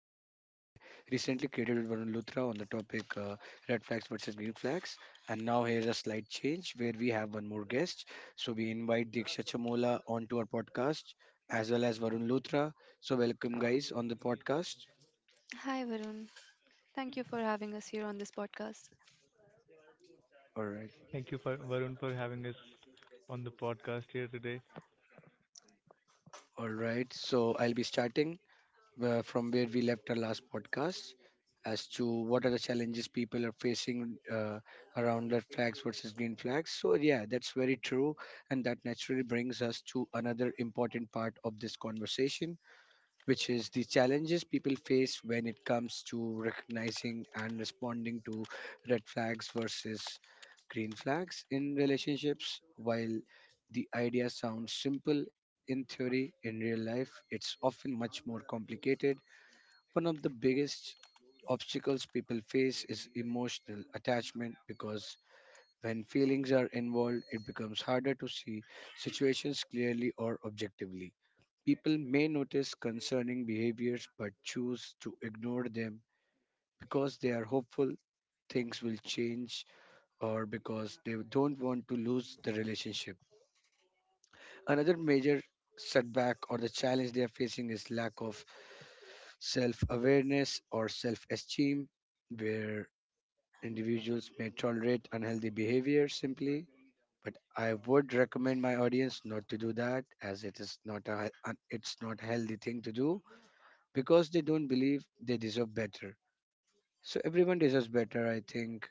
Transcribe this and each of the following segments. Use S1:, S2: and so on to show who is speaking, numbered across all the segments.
S1: which I recently created with Varun Luthra on the topic red flags versus green flags. And now here's a slight change where we have one more guest. So we invite Diksha Chamola onto our podcast as well as Varun Luthra. So welcome guys on the podcast.
S2: Hi, Varun. Thank you for having us here on this podcast.
S1: All right,
S3: Thank you, for, Varun, for having us on the podcast here today.
S1: all right. So I'll be starting from where we left our last podcast as to what are the challenges people are facing around red flags versus green flags. So, yeah, that's very true. And that naturally brings us to another important part of this conversation, which is the challenges people face when it comes to recognizing and responding to red flags versus green flags in relationships. While the idea sounds simple in theory, in real life, it's often much more complicated. One of the biggest obstacles people face is emotional attachment, because when feelings are involved, it becomes harder to see situations clearly or objectively. People may notice concerning behaviors but choose to ignore them because they are hopeful things will change, or because they don't want to lose the relationship. Another major setback or the challenge they are facing is lack of self awareness or self esteem, where individuals may tolerate unhealthy behavior simply, but I would recommend my audience not to do that, as it is not it's not a healthy thing to do because they don't believe they deserve better. So everyone deserves better, I think,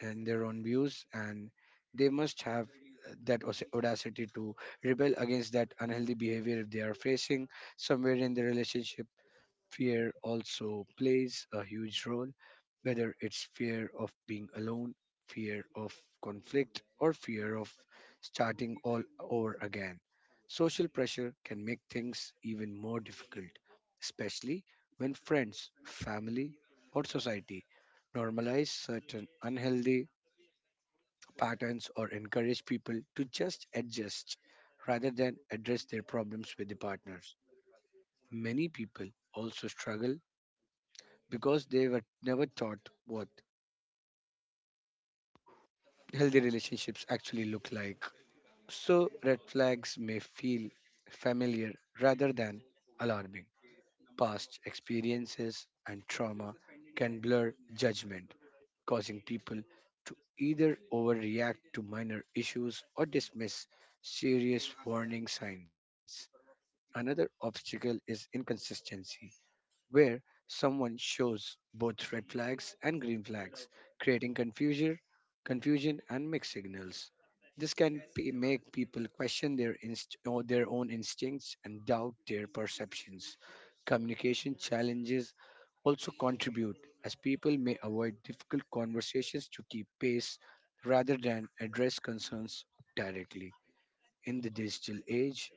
S1: in their own views, and they must have that audacity to rebel against that unhealthy behavior if they are facing somewhere in the relationship. Fear also plays a huge role, whether it's fear of being alone, fear of conflict, or fear of starting all over again. Social pressure can make things even more difficult, especially when friends, family, or society normalize certain unhealthy patterns or encourage people to just adjust rather than address their problems with the partners. Many people also struggle because they were never taught what healthy relationships actually look like. So, red flags may feel familiar rather than alarming. Past experiences and trauma can blur judgment, causing people to either overreact to minor issues or dismiss serious warning signs. Another obstacle is inconsistency, where someone shows both red flags and green flags, creating confusion and mixed signals. This can make people question their own instincts and doubt their perceptions. Communication challenges also contribute, as people may avoid difficult conversations to keep pace rather than address concerns directly. In the digital age,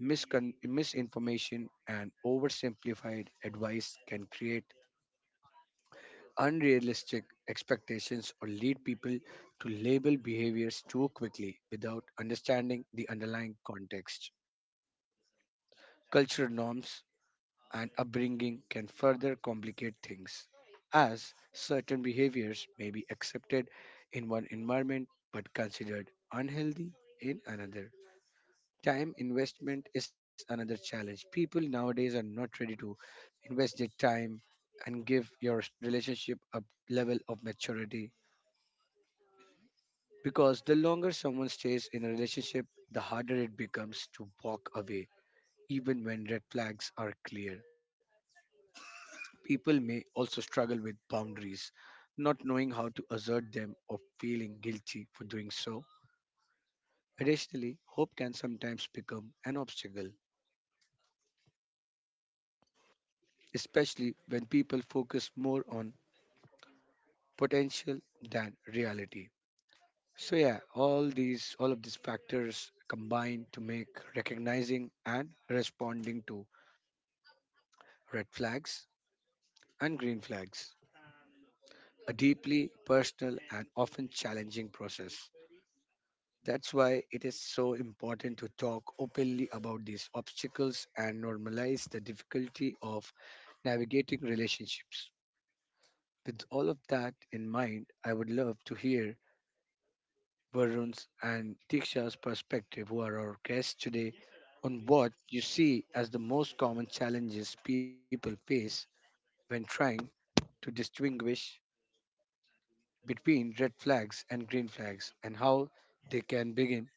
S1: misinformation and oversimplified advice can create unrealistic expectations or lead people to label behaviors too quickly without understanding the underlying context. Cultural norms and upbringing can further complicate things, as certain behaviors may be accepted in one environment but considered unhealthy in another. Time investment is another challenge. People nowadays are not ready to invest their time and give your relationship a level of maturity, because the longer someone stays in a relationship, the harder it becomes to walk away, even when red flags are clear. People may also struggle with boundaries, not knowing how to assert them or feeling guilty for doing so. Additionally, hope can sometimes become an obstacle, especially when people focus more on potential than reality. So yeah, all of these factors combine to make recognizing and responding to red flags and green flags a deeply personal and often challenging process. That's why it is so important to talk openly about these obstacles and normalize the difficulty of navigating relationships. With all of that in mind, I would love to hear Varun's and Diksha's perspective, who are our guests today, on what you see as the most common challenges people face when trying to distinguish between red flags and green flags, and how they can begin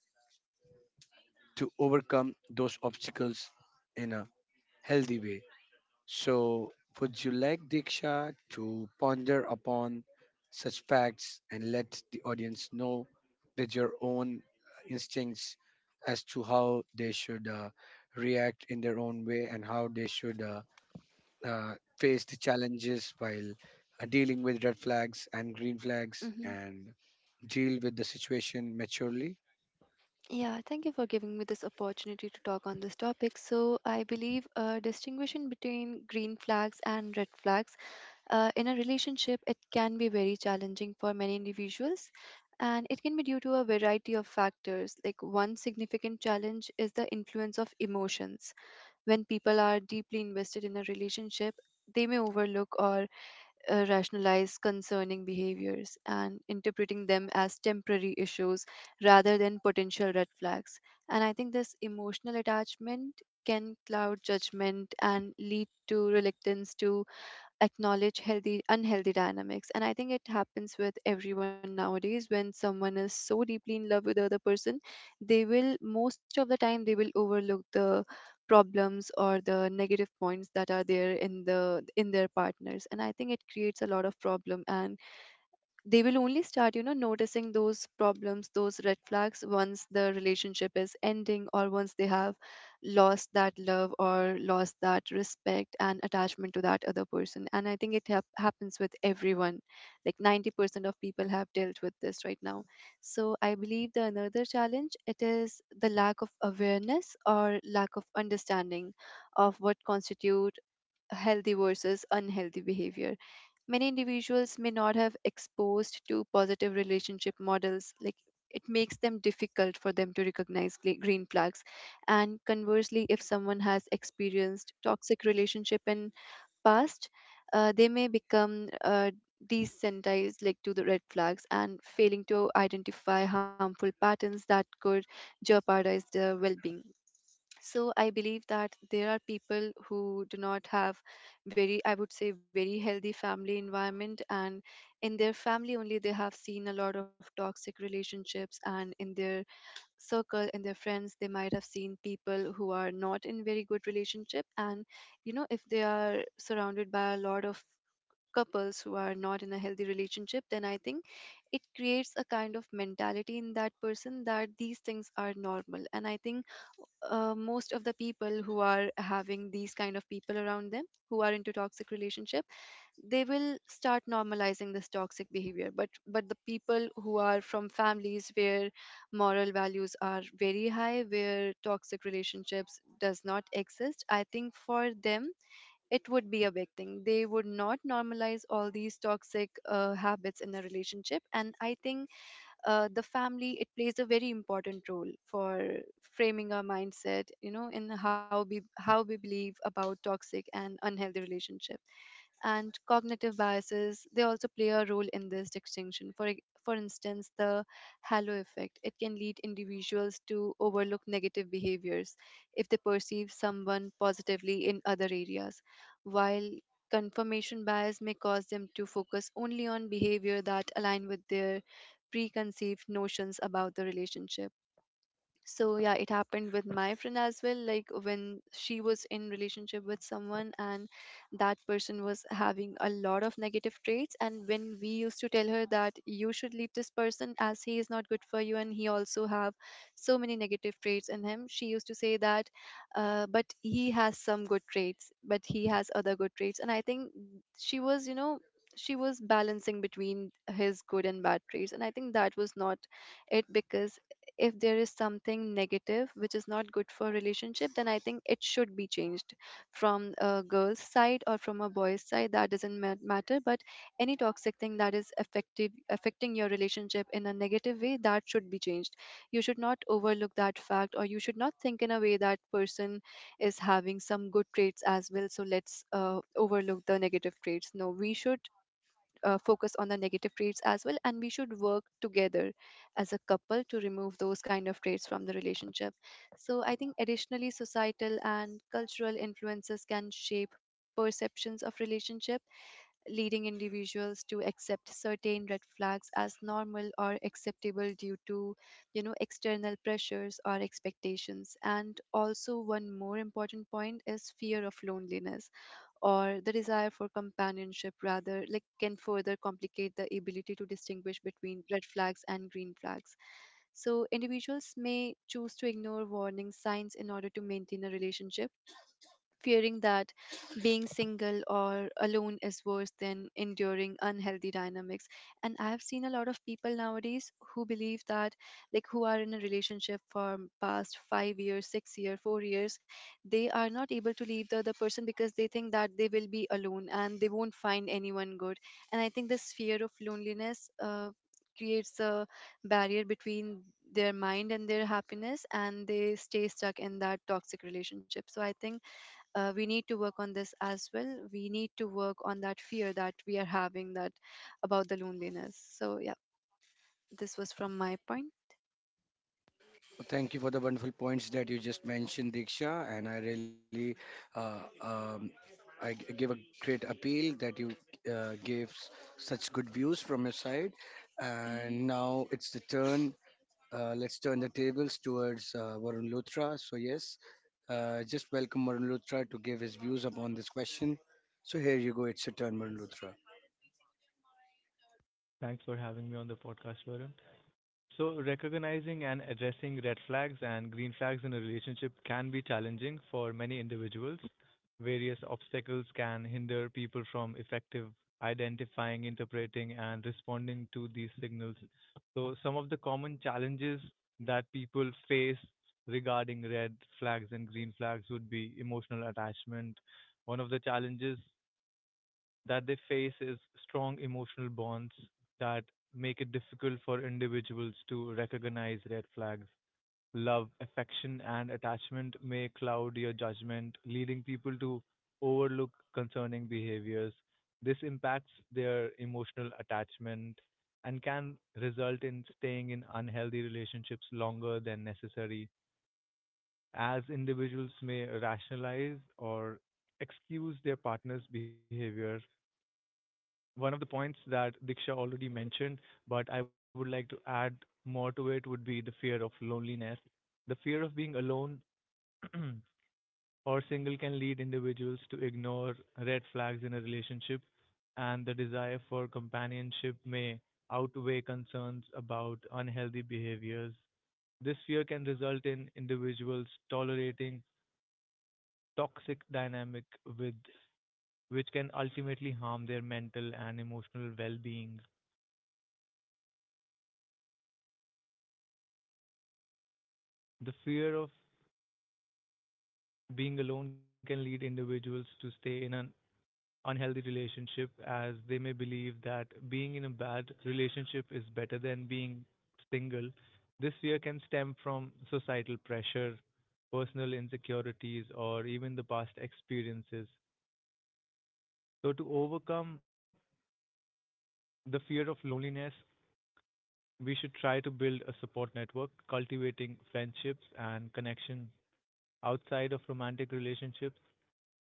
S1: to overcome those obstacles in a healthy way. So, would you like Diksha to ponder upon such facts and let the audience know that your own instincts as to how they should react in their own way, and how they should face the challenges while dealing with red flags and green flags
S2: hmm
S1: and deal with the situation maturely?
S2: Yeah, thank you for giving me this opportunity to talk on this topic. So, I believe a distinguishing between green flags and red flags in a relationship, it can be very challenging for many individuals, and it can be due to a variety of factors. Like, one significant challenge is the influence of emotions. When people are deeply invested in a relationship, they may overlook or rationalize concerning behaviors and interpreting them as temporary issues rather than potential red flags. And I think this emotional attachment can cloud judgment and lead to reluctance to acknowledge healthy unhealthy dynamics. And I think it happens with everyone nowadays. When someone is so deeply in love with the other person, they will, most of the time, they will overlook the problems or the negative points that are there in their partners, and I think it creates a lot of problem, and they will only start, you know, noticing those problems, those red flags, once the relationship is ending or once they have lost that love or lost that respect and attachment to that other person. And I think it happens with everyone, like 90% of people have dealt with this right now. So I believe the another challenge, it is the lack of awareness or lack of understanding of what constitute healthy versus unhealthy behavior. Many individuals may not have exposed to positive relationship models, like it makes them difficult for them to recognize green flags, and conversely, if someone has experienced toxic relationship in past, they may become desensitized, like to the red flags, and failing to identify harmful patterns that could jeopardize their well-being. So I believe that there are people who do not have very, I would say, very healthy family environment, and in their family only, they have seen a lot of toxic relationships, and in their circle, in their friends, they might have seen people who are not in very good relationship. And you know, if they are surrounded by a lot of couples who are not in a healthy relationship, then I think it creates a kind of mentality in that person that these things are normal. And I think most of the people who are having these kind of people around them, who are into toxic relationship, they will start normalizing this toxic behavior. But the people who are from families where moral values are very high, where toxic relationships does not exist, I think for them it would be a big thing. They would not normalize all these toxic habits in a relationship. And I think the family, it plays a very important role for framing our mindset, you know, in how we, how we believe about toxic and unhealthy relationship. And cognitive biases, they also play a role in this distinction. For for instance, the halo effect, it can lead individuals to overlook negative behaviors if they perceive someone positively in other areas, while confirmation bias may cause them to focus only on behavior that align with their preconceived notions about the relationship. So yeah, it happened with my friend as well. Like when she was in relationship with someone and that person was having a lot of negative traits, and when we used to tell her that you should leave this person as he is not good for you and he also have so many negative traits in him, she used to say that but he has some good traits but he has other good traits. And I think she was, you know, she was balancing between his good and bad traits, and I think that was not it, because if there is something negative which is not good for relationship, then I think it should be changed from a girl's side or from a boy's side, that doesn't matter. But any toxic thing that is effective affecting your relationship in a negative way, that should be changed. You should not overlook that fact, or you should not think in a way that person is having some good traits as well, so let's overlook the negative traits. No, we should focus on the negative traits as well, and we should work together as a couple to remove those kind of traits from the relationship. So I think additionally, societal and cultural influences can shape perceptions of relationship, leading individuals to accept certain red flags as normal or acceptable due to, you know, external pressures or expectations. And also, one more important point is fear of loneliness or the desire for companionship, rather, like can further complicate the ability to distinguish between red flags and green flags. So individuals may choose to ignore warning signs in order to maintain a relationship, fearing that being single or alone is worse than enduring unhealthy dynamics. And I have seen a lot of people nowadays who believe that, like who are in a relationship for past 5 years 6 year 4 years, they are not able to leave the other person because they think that they will be alone and they won't find anyone good. And I think this fear of loneliness creates a barrier between their mind and their happiness, and they stay stuck in that toxic relationship. So I think we need to work on this as well. We need to work on that fear that we are having, that about the loneliness. So yeah, this was from my point.
S1: Thank you for the wonderful points that you just mentioned, Diksha, and I really, uh, um, give a great appeal that you gave such good views from your side.
S2: hmm
S1: And now it's the turn. Let's turn the tables towards Varun Luthra. So yes, just welcome Varun Luthra to give his views upon this question. So here you go. It's your turn, Varun Luthra.
S3: Thanks for having me on the podcast, Varun. So, recognizing and addressing red flags and green flags in a relationship can be challenging for many individuals. Various obstacles can hinder people from effective identifying, interpreting, and responding to these signals. So, some of the common challenges that people face regarding red flags and green flags would be emotional attachment. One of the challenges that they face is strong emotional bonds that make it difficult for individuals to recognize red flags. Love, affection, and attachment may cloud your judgment, leading people to overlook concerning behaviors. This impacts their emotional attachment and can result in staying in unhealthy relationships longer than necessary, as individuals may rationalize or excuse their partner's behavior, one of the points that Diksha already mentioned, but I would like to add more to it would be the fear of loneliness. The fear of being alone or single can lead individuals to ignore red flags in a relationship, and the desire for companionship may outweigh concerns about unhealthy behaviors. This fear can result in individuals tolerating toxic dynamic with which can ultimately harm their mental and emotional well-being. The fear of being alone can lead individuals to stay in an unhealthy relationship as they may believe that being in a bad relationship is better than being single. This fear can stem from societal pressure, personal insecurities, or even the past experiences. So, to overcome the fear of loneliness, we should try to build a support network, cultivating friendships and connection outside of romantic relationships,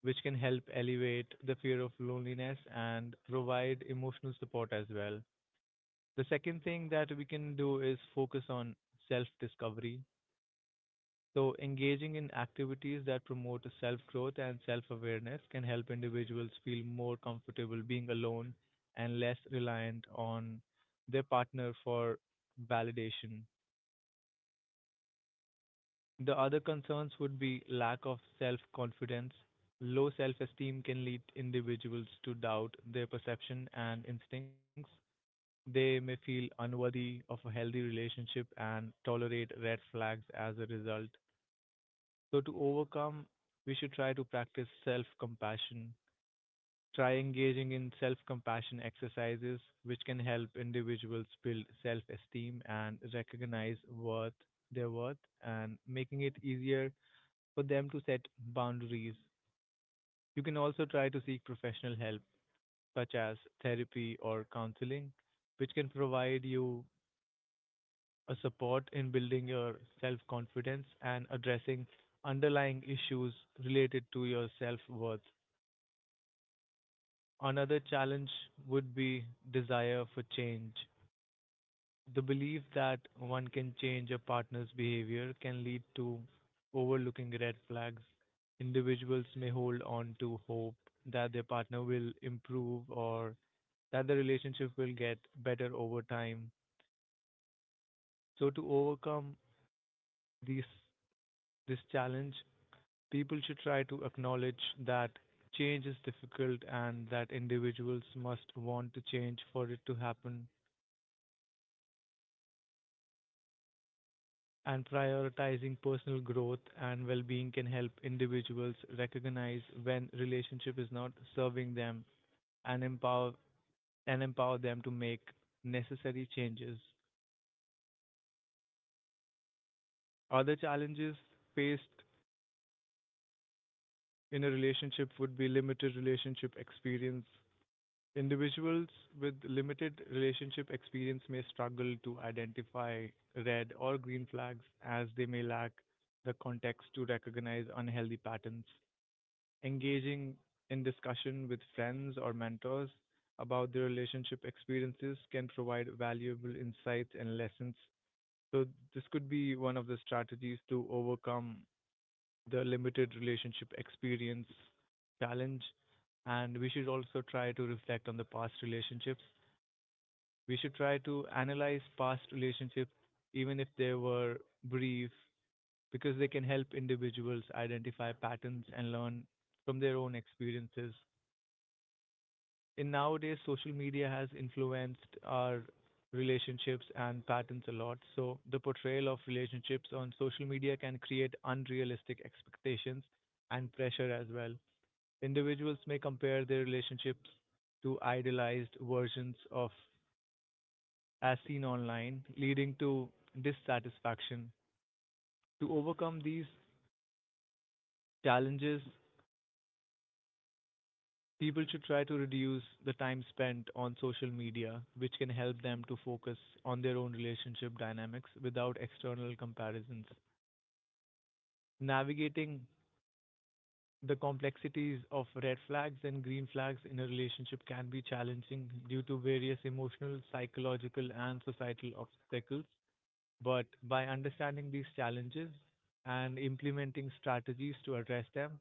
S3: which can help elevate the fear of loneliness and provide emotional support as well. The second thing that we can do is focus on self discovery. So, engaging in activities that promote self growth and self awareness can help individuals feel more comfortable being alone and less reliant on their partner for validation. The other concerns would be lack of self confidence. Low self esteem can lead individuals to doubt their perception and instincts. They may feel unworthy of a healthy relationship and tolerate red flags as a result. So, to overcome, we should try to practice self compassion. Try engaging in self compassion exercises, which can help individuals build self esteem and recognize worth, their worth, and making it easier for them to set boundaries. You can also try to seek professional help, such as therapy or counseling, which can provide you a support in building your self confidence and addressing underlying issues related to your self worth. Another challenge would be desire for change. The belief that one can change a partner's behavior can lead to overlooking red flags. Individuals may hold on to hope that their partner will improve or that the relationship will get better over time. So, to overcome these, this challenge, people should try to acknowledge that change is difficult and that individuals must want to change for it to happen, and prioritizing personal growth and well being can help individuals recognize when relationship is not serving them and empower and empower them to make necessary changes. Other challenges faced in a relationship would be limited relationship experience. Individuals with limited relationship experience may struggle to identify red or green flags as they may lack the context to recognize unhealthy patterns. Engaging in discussion with friends or mentors about their relationship experiences can provide valuable insights and lessons. So, this could be one of the strategies to overcome the limited relationship experience challenge. And we should also try to reflect on the past relationships. We should try to analyze past relationships, even if they were brief, because they can help individuals identify patterns and learn from their own experiences. In nowadays social media has influenced our relationships and patterns a lot. So the portrayal of relationships on social media can create unrealistic expectations and pressure as well. Individuals may compare their relationships to idealized versions of as seen online, leading to dissatisfaction. To overcome these challenges, people should try to reduce the time spent on social media, which can help them to focus on their own relationship dynamics without external comparisons. Navigating the complexities of red flags and green flags in a relationship can be challenging due to various emotional, psychological, and societal obstacles. But by understanding these challenges and implementing strategies to address them,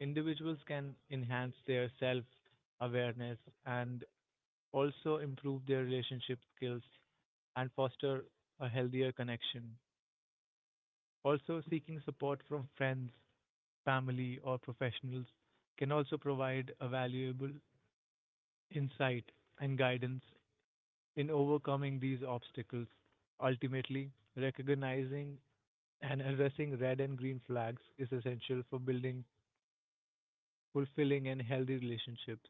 S3: individuals can enhance their self awareness and also improve their relationship skills and foster a healthier connection. Also, seeking support from friends, family, or professionals can also provide a valuable insight and guidance in overcoming these obstacles. Ultimately, recognizing and addressing red and green flags is essential for building fulfilling and healthy relationships.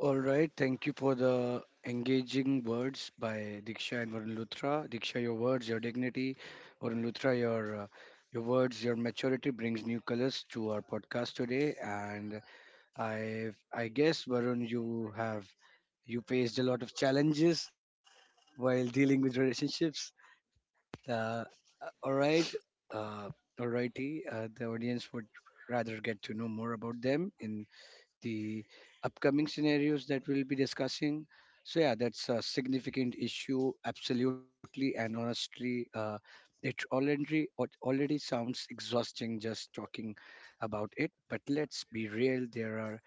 S1: All right, thank you for the engaging words by Diksha and Varun Luthra. Diksha, your words, your dignity. Varun Luthra, your words, your maturity brings new colors to our podcast today. And I I guess Varun, you faced a lot of challenges while dealing with relationships. Uh, uh, all right, uh, alrighty. The audience would rather get to know more about them in the upcoming scenarios that we'll be discussing. So yeah, that's a significant issue, absolutely, and honestly, it already sounds exhausting just talking about it. But let's be real, there are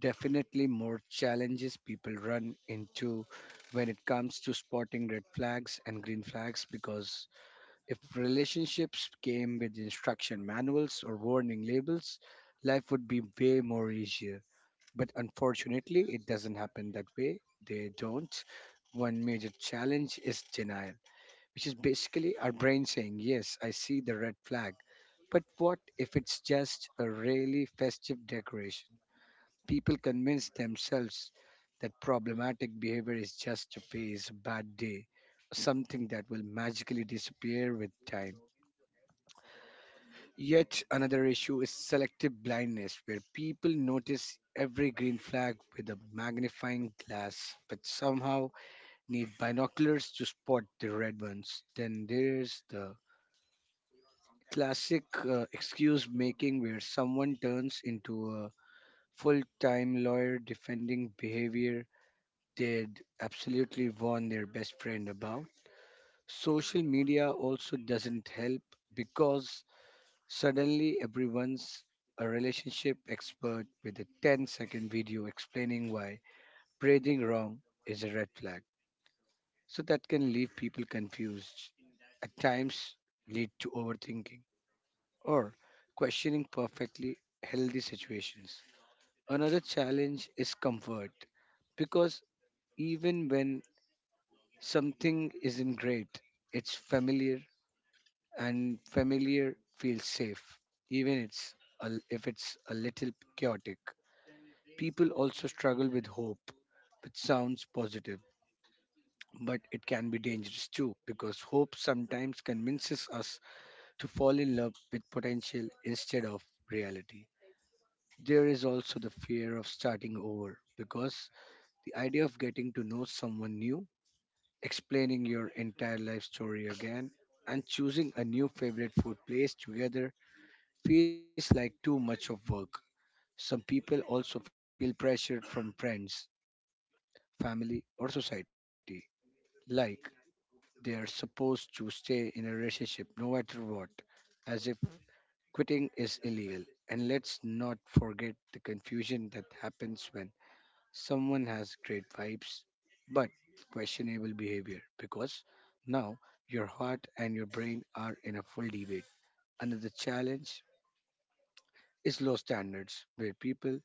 S1: definitely more challenges people run into when it comes to spotting red flags and green flags, because if relationships came with instruction manuals or warning labels, life would be way more easier. But unfortunately, it doesn't happen that way. They don't. One major challenge is denial, which is basically our brain saying, "Yes, I see the red flag. But what if it's just a really festive decoration?" People convince themselves that problematic behavior is just a phase, a bad day, something that will magically disappear with time. Yet another issue is selective blindness, where people notice every green flag with a magnifying glass, but somehow need binoculars to spot the red ones. Then there's the classic excuse making, where someone turns into a full time lawyer defending behavior they'd absolutely warn their best friend about. Social media also doesn't help, because suddenly, everyone's a relationship expert with a 10-second video explaining why breathing wrong is a red flag. So, that can leave people confused, at times, lead to overthinking or questioning perfectly healthy situations. Another challenge is comfort, because even when something isn't great, it's familiar, and familiar feels safe, even if it's a little chaotic. People also struggle with hope, which sounds positive, but it can be dangerous too, because hope sometimes convinces us to fall in love with potential instead of reality. There is also the fear of starting over, because the idea of getting to know someone new, explaining your entire life story again, and choosing a new favorite food place together feels like too much of work. Some people also feel pressured from friends, family, or society, like they are supposed to stay in a relationship no matter what, as if quitting is illegal. And let's not forget the confusion that happens when someone has great vibes but questionable behavior, because now your heart and your brain are in a full debate. Another challenge is low standards, where people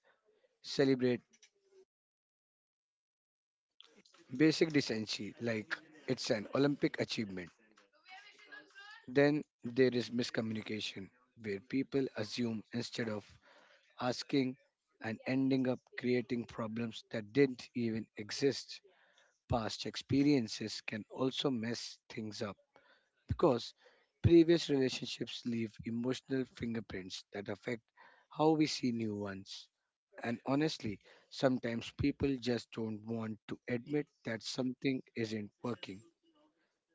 S1: celebrate basic decency like it's an Olympic achievement. Then there is miscommunication, where people assume instead of asking and ending up creating problems that didn't even exist. Past experiences can also mess things up, because previous relationships leave emotional fingerprints that affect how we see new ones. And honestly, sometimes people just don't want to admit that something isn't working,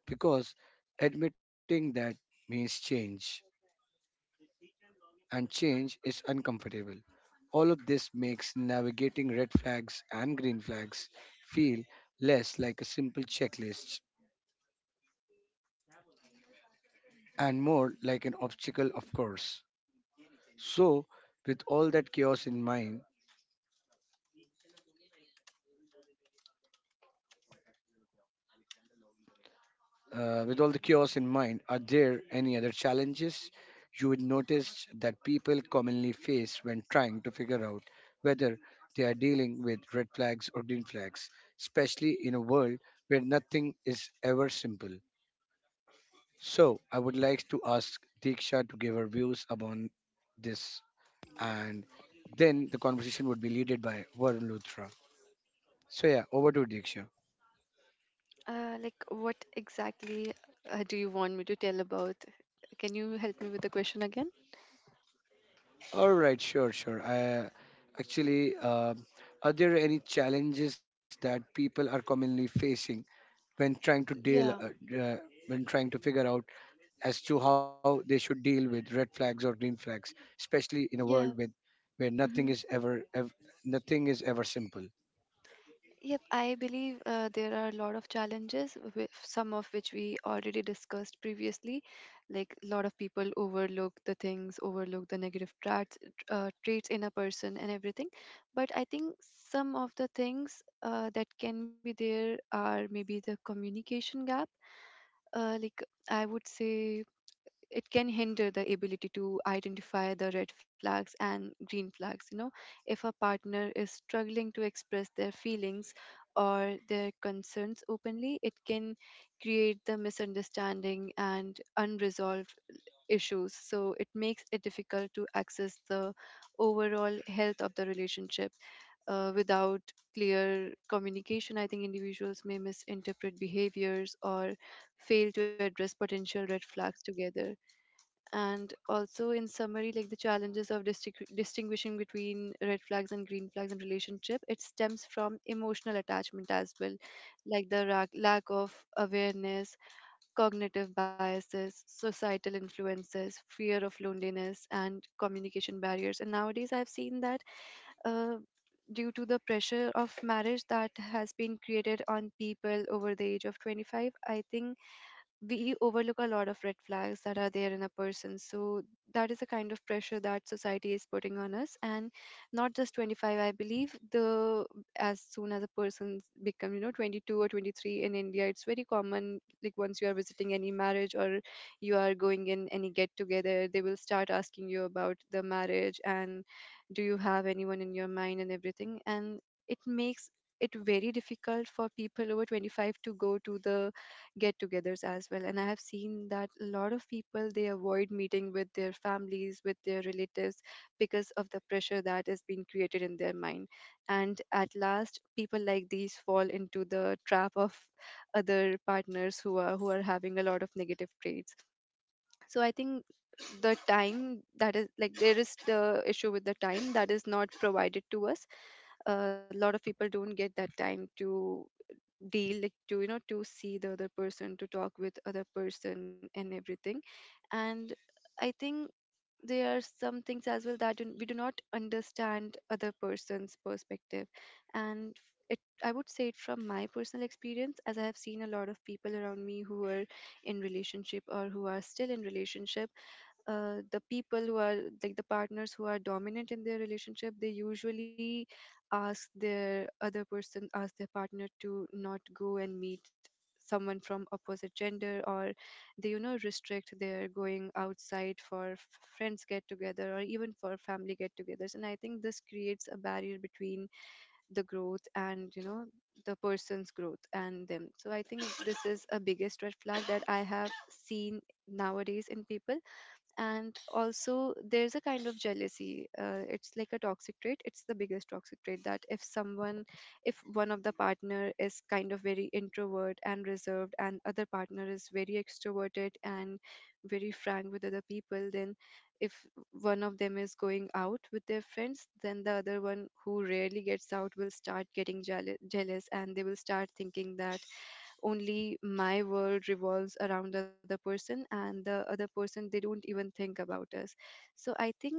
S1: because admitting that means change, and change is uncomfortable. All of this makes navigating red flags and green flags feel less like a simple checklist and more like an obstacle, of course. So, with all that chaos in mind, with all the chaos in mind, are there any other challenges you would notice that people commonly face when trying to figure out whether they are dealing with red flags or green flags, especially in a world where nothing is ever simple? So, I would like to ask Diksha to give her views upon this, and then the conversation would be led by Varun Luthra. So, yeah, over to Diksha.
S2: like, what exactly do you want me to tell about? Can you help me with the question again?
S1: All right, sure, sure. I, actually, are there any challenges that people are commonly facing when trying to
S2: Yeah,
S1: when trying to figure out as to how they should deal with red flags or green flags, especially in a world
S2: yeah.
S1: with where nothing
S2: Mhm.
S1: is ever simple.
S2: Yep, I believe there are a lot of challenges, with some of which we already discussed previously. Like a lot of people overlook the things, overlook the negative traits, traits in a person, and everything. But I think some of the things that can be there are maybe the communication gap. Like, I would say it can hinder the ability to identify the red flags and green flags, you know, if a partner is struggling to express their feelings or their concerns openly, it can create the misunderstanding and unresolved issues. So it makes it difficult to access the overall health of the relationship. Without clear communication, I think individuals may misinterpret behaviors or fail to address potential red flags together. And also, in summary, like the challenges of distinguishing between red flags and green flags in relationship, it stems from emotional attachment as well, like the lack of awareness, cognitive biases, societal influences, fear of loneliness, and communication barriers. And nowadays, I've seen that uh, due to the pressure of marriage that has been created on people over the age of 25, I think we overlook a lot of red flags that are there in a person. So that is the kind of pressure that society is putting on us, and not just 25. I believe the as soon as a person become, you know, 22 or 23 in India, it's very common. Like once you are visiting any marriage or you are going in any get together, they will start asking you about the marriage and do you have anyone in your mind and everything, and it makes it very difficult for people over 25 to go to the get-togethers as well. And I have seen that a lot of people, they avoid meeting with their families, with their relatives, because of the pressure that has been created in their mind. And at last, people like these fall into the trap of other partners who are, who are having a lot of negative traits. So I think the time that is, like there is the issue with the time that is not provided to us. A lot of people don't get that time to deal, like to, you know, to see the other person, to talk with other person, and everything. And I think there are some things as well that we do not understand other person's perspective. And it, I would say it from my personal experience, as I have seen a lot of people around me who are in relationship or who are still in relationship, the people who are, like the partners who are dominant in their relationship, they usually ask their other person, ask their partner to not go and meet someone from opposite gender, or they, you know, restrict their going outside for friends get together, or even for family get togethers. And I think this creates a barrier between the growth and, you know, the person's growth and them. So I think this is a biggest red flag that I have seen nowadays in people. And also there's a kind of jealousy. It's like a toxic trait. It's the biggest toxic trait that if someone if one of the partner is kind of very introvert and reserved and other partner is very extroverted and very frank with other people, then if one of them is going out with their friends, then the other one who rarely gets out will start getting jealous and they will start thinking that only my world revolves around the other person and the other person, they don't even think about us. So I think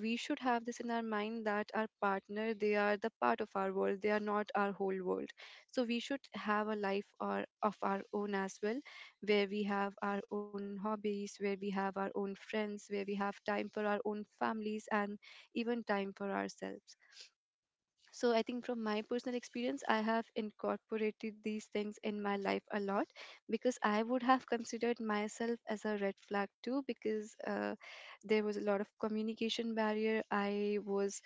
S2: we should have this in our mind that our partner, they are the part of our world, they are not our whole world. So we should have a life or of our own as well, where we have our own hobbies, where we have our own friends, where we have time for our own families and even time for ourselves. So I think from my personal experience, I have incorporated these things in my life a lot, because I would have considered myself as a red flag too. Because there was a lot of communication barrier. I was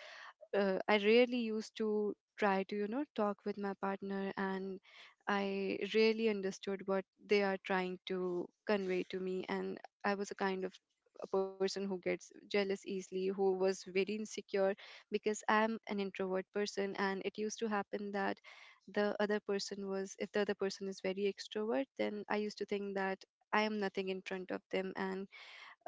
S2: uh, I really used to try to, you know, talk with my partner, and I really understood what they are trying to convey to me. And I was a kind of a person who gets jealous easily, who was very insecure because I'm an introvert person, and it used to happen that the other person was, if the other person is very extrovert, then I used to think that I am nothing in front of them. And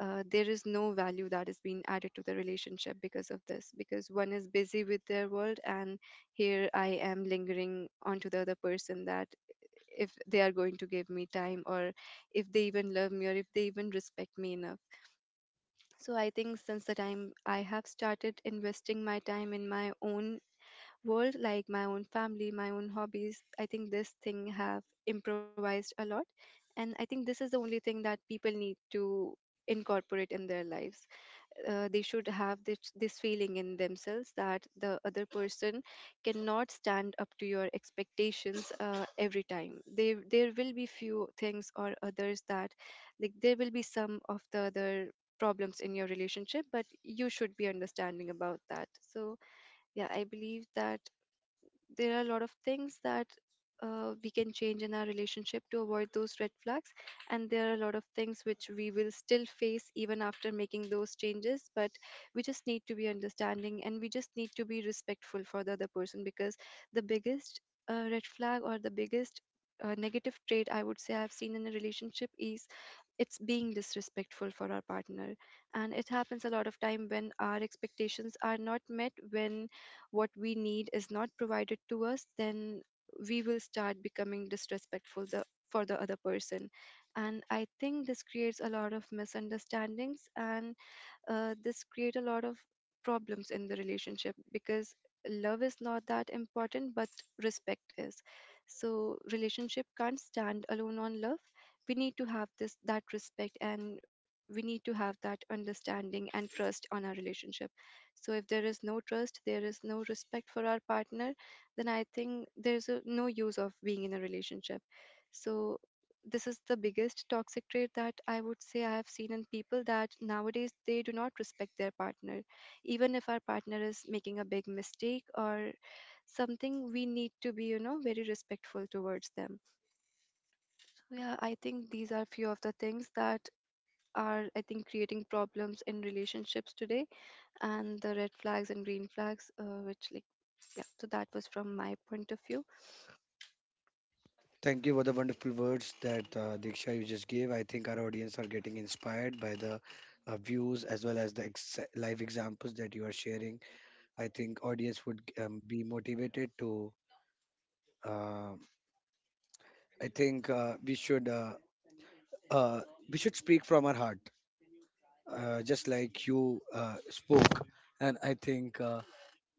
S2: there is no value that is being added to the relationship because of this, because one is busy with their world and here I am lingering onto the other person, that if they are going to give me time, or if they even love me, or if they even respect me enough. So I think since the time I have started investing my time in my own world, like my own family, my own hobbies, I think this thing have improvised a lot. And I think this is the only thing that people need to incorporate in their lives. They should have this feeling in themselves that the other person cannot stand up to your expectations. Every time there will be few things or others, that like there will be some of the other problems in your relationship, but you should be understanding about that. So yeah, I believe that there are a lot of things that we can change in our relationship to avoid those red flags. And there are a lot of things which we will still face even after making those changes, but we just need to be understanding and we just need to be respectful for the other person, because the biggest red flag, or the biggest negative trait I would say I've seen in a relationship is it's being disrespectful for our partner. And it happens a lot of time when our expectations are not met, when what we need is not provided to us, then we will start becoming disrespectful for the other person. And I think this creates a lot of misunderstandings, and this create a lot of problems in the relationship, because love is not that important, but respect is. So relationship can't stand alone on love. We need to have this, that respect, and we need to have that understanding and trust on our relationship. So if there is no trust, there is no respect for our partner, then I think there's no use of being in a relationship. So this is the biggest toxic trait that I would say I have seen in people, that nowadays they do not respect their partner. Even if our partner is making a big mistake or something, we need to be, you know, very respectful towards them. So yeah, I think these are few of the things that are, I think, creating problems in relationships today. And the red flags and green flags, which, like, yeah, so that was from my point of view.
S1: Thank you for the wonderful words that Diksha you just gave. I think our audience are getting inspired by the views as well as the live examples that you are sharing. I think audience would be motivated to. Uh, I think uh, we should speak from our heart, just like you spoke. And I think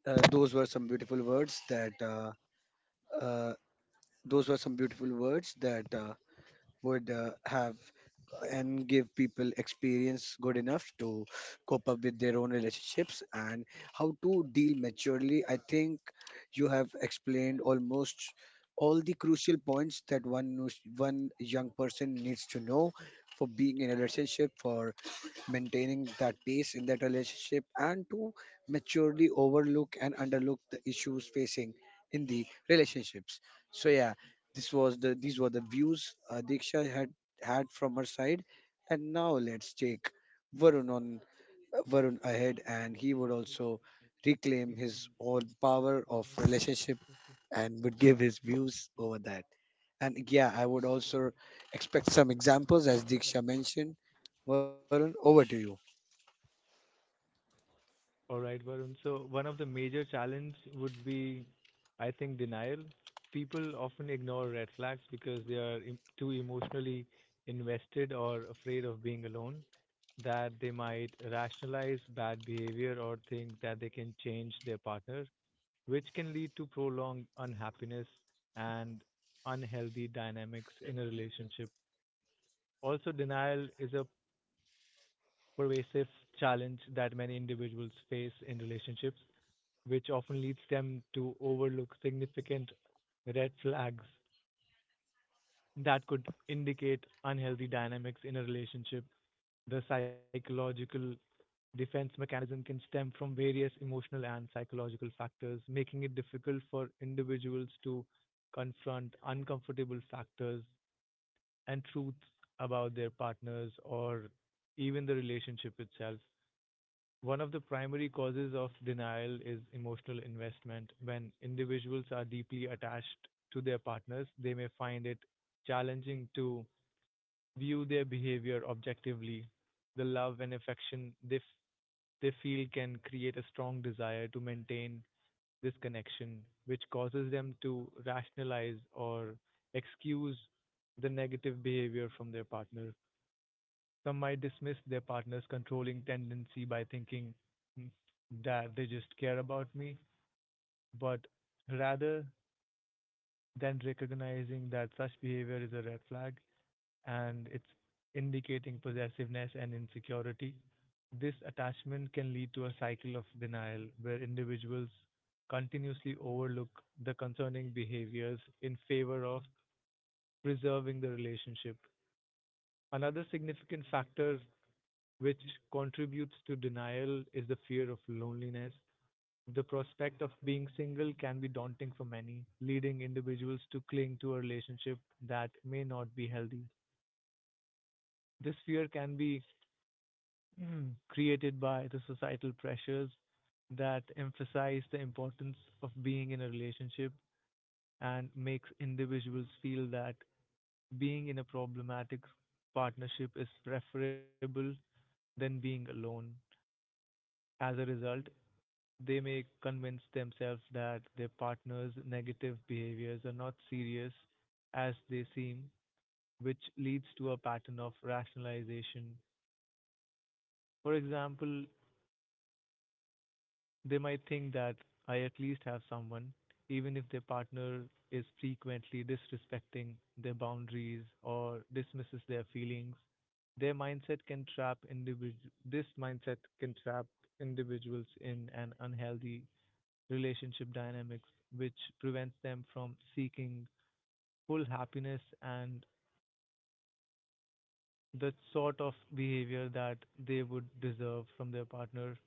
S1: those were some beautiful words that uh, those were some beautiful words that would have and give people experience good enough to cope up with their own relationships and how to deal maturely. I think you have explained almost all the crucial points that one young person needs to know for being in a relationship, for maintaining that peace in that relationship, and to maturely overlook and underlook the issues facing in the relationships. So yeah, this was the these were the views Diksha had had from her side. And now let's take varun on Varun ahead, and he would also reclaim his own power of relationship and would give his views over that. And yeah, I would also expect some examples as Diksha mentioned. Varun, over to you.
S3: All right, Varun. So one of the major challenge would be, I think, denial. People often ignore red flags because they are too emotionally invested or afraid of being alone, that they might rationalize bad behavior or think that they can change their partner, which can lead to prolonged unhappiness and unhealthy dynamics in a relationship. Also, denial is a pervasive challenge that many individuals face in relationships which often leads them to overlook significant red flags that could indicate unhealthy dynamics in a relationship. The psychological defense mechanism can stem from various emotional and psychological factors, making it difficult for individuals to confront uncomfortable factors and truths about their partners or even the relationship itself. One of the primary causes of denial is emotional investment. When individuals are deeply attached to their partners, they may find it challenging to view their behavior objectively. The love and affection they feel can create a strong desire to maintain this connection, which causes them to rationalize or excuse the negative behavior from their partner. Some might dismiss their partner's controlling tendency by thinking, "Hmm, that they just care about me," but rather than recognizing that such behavior is a red flag and it's indicating possessiveness and insecurity, this attachment can lead to a cycle of denial where individuals continuously overlook the concerning behaviors in favor of preserving the relationship. Another significant factor which contributes to denial is the fear of loneliness. The prospect of being single can be daunting for many, leading individuals to cling to a relationship that may not be healthy. This fear can be created by the societal pressures that emphasize the importance of being in a relationship and makes individuals feel that being in a problematic partnership is preferable than being alone. As a result, they may convince themselves that their partner's negative behaviors are not serious as they seem, which leads to a pattern of rationalization. For example, they might think that I at least have someone, even if their partner is frequently disrespecting their boundaries or dismisses their feelings. Their mindset can trap individu- This mindset can trap individuals in an unhealthy relationship dynamics, which prevents them from seeking full happiness and the sort of behavior that they would deserve from their partner.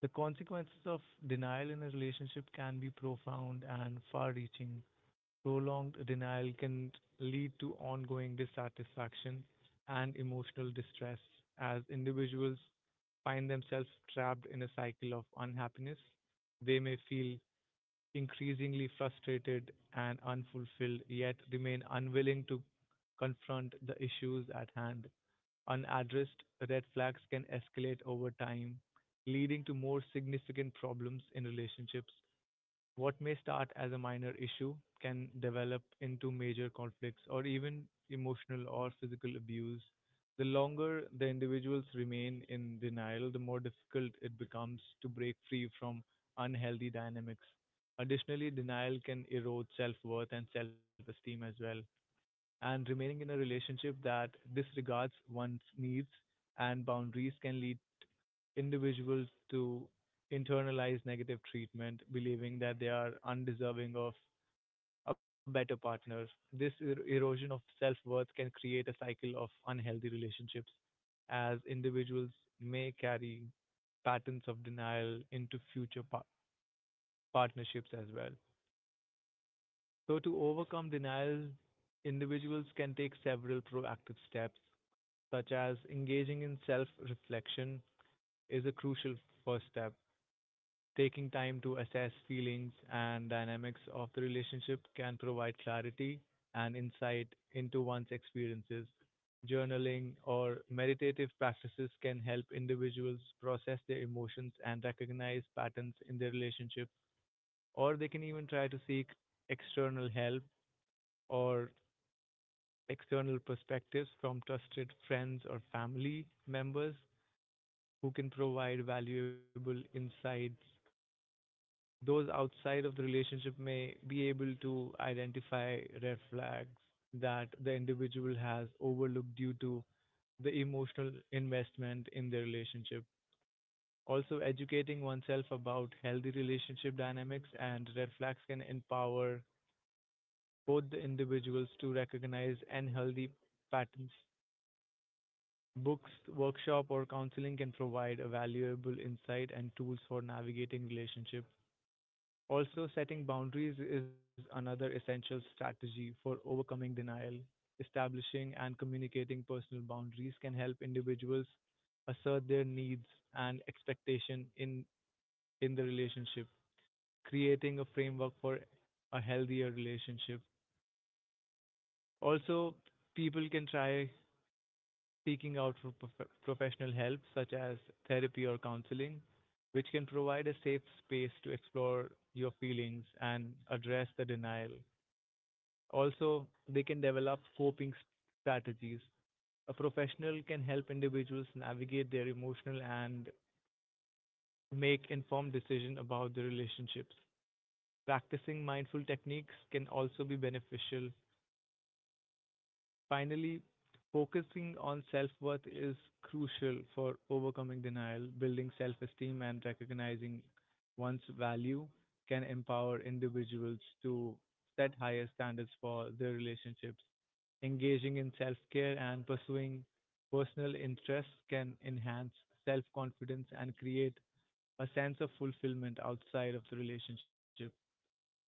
S3: The consequences of denial in a relationship can be profound and far reaching. Prolonged denial can lead to ongoing dissatisfaction and emotional distress as individuals find themselves trapped in a cycle of unhappiness. They may feel increasingly frustrated and unfulfilled, yet remain unwilling to confront the issues at hand. Unaddressed red flags can escalate over time, leading to more significant problems in relationships. What may start as a minor issue can develop into major conflicts or even emotional or physical abuse. The longer the individuals remain in denial, the more difficult it becomes to break free from unhealthy dynamics. Additionally, denial can erode self worth and self esteem as well. And remaining in a relationship that disregards one's needs and boundaries can lead individuals to internalize negative treatment, believing that they are undeserving of a better partner. This erosion of self worth can create a cycle of unhealthy relationships, as individuals may carry patterns of denial into future partnerships as well. So, to overcome denial, individuals can take several proactive steps, such as engaging in self reflection, is a crucial first step. Taking time to assess feelings and dynamics of the relationship can provide clarity and insight into one's experiences. Journaling or meditative practices can help individuals process their emotions and recognize patterns in their relationship, or they can even try to seek external help or external perspectives from trusted friends or family members who can provide valuable insights. Those outside of the relationship may be able to identify red flags that the individual has overlooked due to the emotional investment in the relationship. Also, educating oneself about healthy relationship dynamics and red flags can empower both the individuals to recognize unhealthy patterns. Books, workshop, or counseling can provide a valuable insight and tools for navigating relationship. Also, setting boundaries is another essential strategy for overcoming denial. Establishing and communicating personal boundaries can help individuals assert their needs and expectation in the relationship, creating a framework for a healthier relationship. Also, people can try seeking out for professional help such as therapy or counseling, which can provide a safe space to explore your feelings and address the denial. Also, they can develop strategies. A professional can help individuals navigate their emotional and make informed decisions about their relationships. Practicing mindful techniques can also be beneficial. Finally, focusing on self worth is crucial for overcoming denial. Building self esteem and recognizing one's value can empower individuals to set higher standards for their relationships. Engaging in self care and pursuing personal interests can enhance self confidence and create a sense of fulfillment outside of the relationship.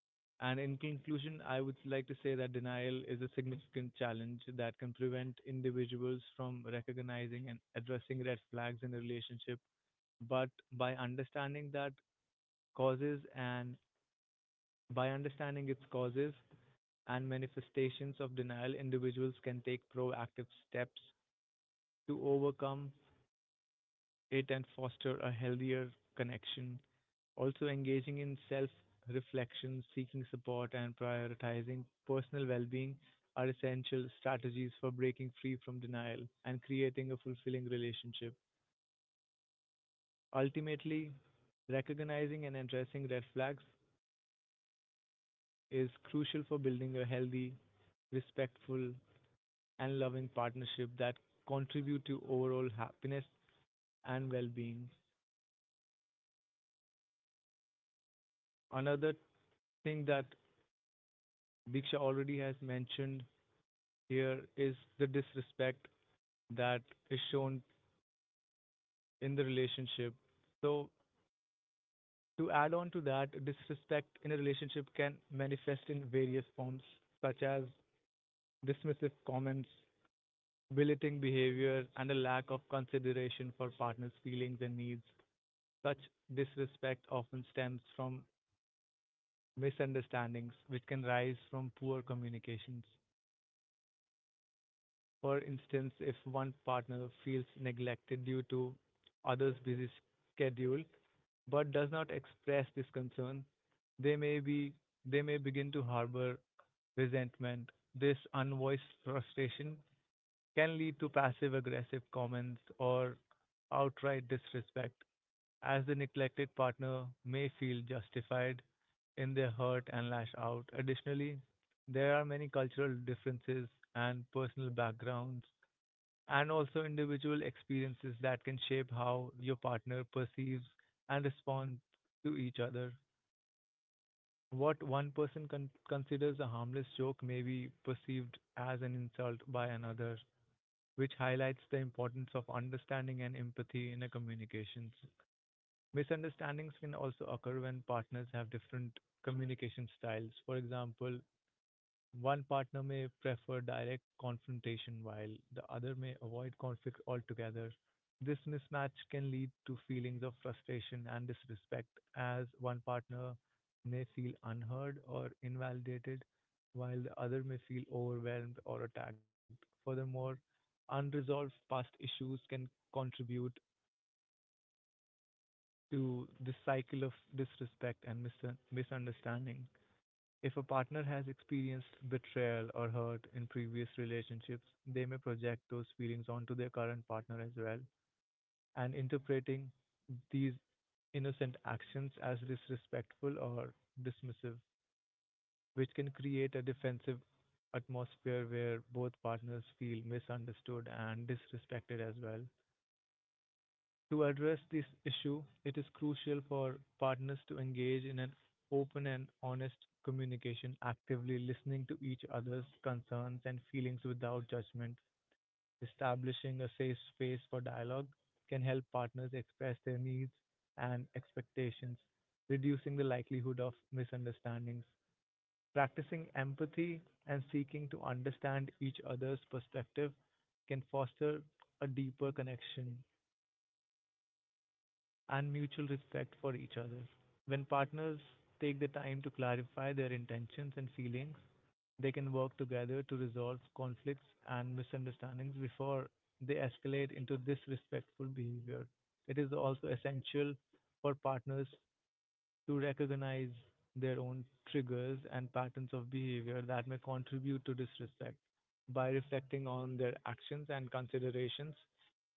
S3: And in conclusion, I would like to say that denial is a significant challenge that can prevent individuals from recognizing and addressing red flags in a relationship. But causes and by understanding its causes and manifestations of denial, individuals can take proactive steps to overcome it and foster a healthier connection. Also, engaging in self reflection, seeking support, and prioritizing personal well being are essential strategies for breaking free from denial and creating a fulfilling relationship. Ultimately, recognizing and addressing red flags is crucial for building a healthy, respectful, and loving partnership that contribute to overall happiness and well-being. Another thing that Diksha already has mentioned here is the disrespect that is shown in the relationship. So, to add on to that, disrespect in a relationship can manifest in various forms, such as dismissive comments, belittling behavior, and a lack of consideration for partners' feelings and needs. Such disrespect often stems from misunderstandings, which can rise from poor communications. For instance, if one partner feels neglected due to others' busy schedule but does not express this concern, they may be they may begin to harbor resentment. This unvoiced frustration can lead to passive aggressive comments or outright disrespect, as the neglected partner may feel justified in their hurt and lash out. Additionally, there are many cultural differences and personal backgrounds and also individual experiences that can shape how your partner perceives and responds to each other. What one person considers a harmless joke may be perceived as an insult by another, which highlights the importance of understanding and empathy in a communications. Misunderstandings can also occur when partners have different communication styles. For example, one partner may prefer direct confrontation while the other may avoid conflict altogether. This mismatch can lead to feelings of frustration and disrespect, as one partner may feel unheard or invalidated, while the other may feel overwhelmed or attacked. Furthermore, unresolved past issues can contribute to this cycle of disrespect and misunderstanding. If a partner has experienced betrayal or hurt in previous relationships, they may project those feelings onto their current partner as well, and interpreting these innocent actions as disrespectful or dismissive, which can create a defensive atmosphere where both partners feel misunderstood and disrespected as well. To address this issue, it is crucial for partners to engage in an open and honest communication, actively listening to each other's concerns and feelings without judgment. Establishing a safe space for dialogue can help partners express their needs and expectations, reducing the likelihood of misunderstandings. Practicing empathy and seeking to understand each other's perspective can foster a deeper connection and mutual respect for each other. When partners take the time to clarify their intentions and feelings, they can work together to resolve conflicts and misunderstandings before they escalate into disrespectful behavior. It is also essential for partners to recognize their own triggers and patterns of behavior that may contribute to disrespect. By reflecting on their actions and considerations,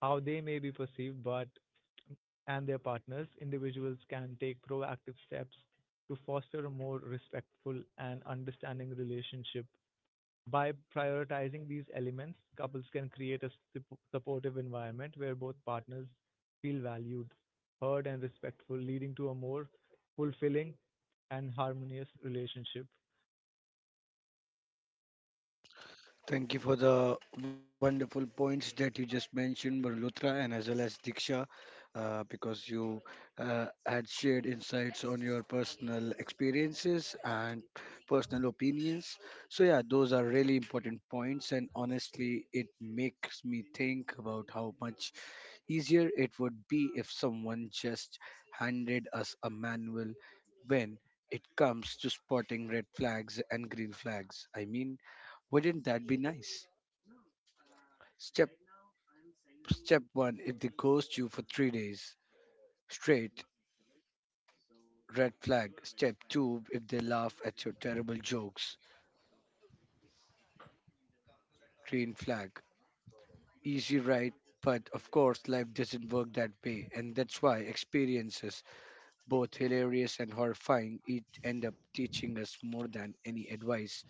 S3: how they may be perceived but and their partners, individuals can take proactive steps to foster a more respectful and understanding relationship. By prioritizing these elements, couples can create a supportive environment where both partners feel valued, heard, and respectful, leading to a more fulfilling and harmonious relationship.
S1: Thank you for the wonderful points that you just mentioned, Varun Luthra, and as well as Diksha, because you had shared insights on your personal experiences and personal opinions. So, yeah, those are really important points, and honestly, it makes me think about how much easier it would be if someone just handed us a manual when it comes to spotting red flags and green flags. I mean, wouldn't that be nice? Step step 1, if they ghost you for 3 days straight, red flag. Step 2, if they laugh at your terrible jokes, green flag. Easy, right? But of course life doesn't work that way, and that's why experiences, both hilarious and horrifying, each end up teaching us more than any advice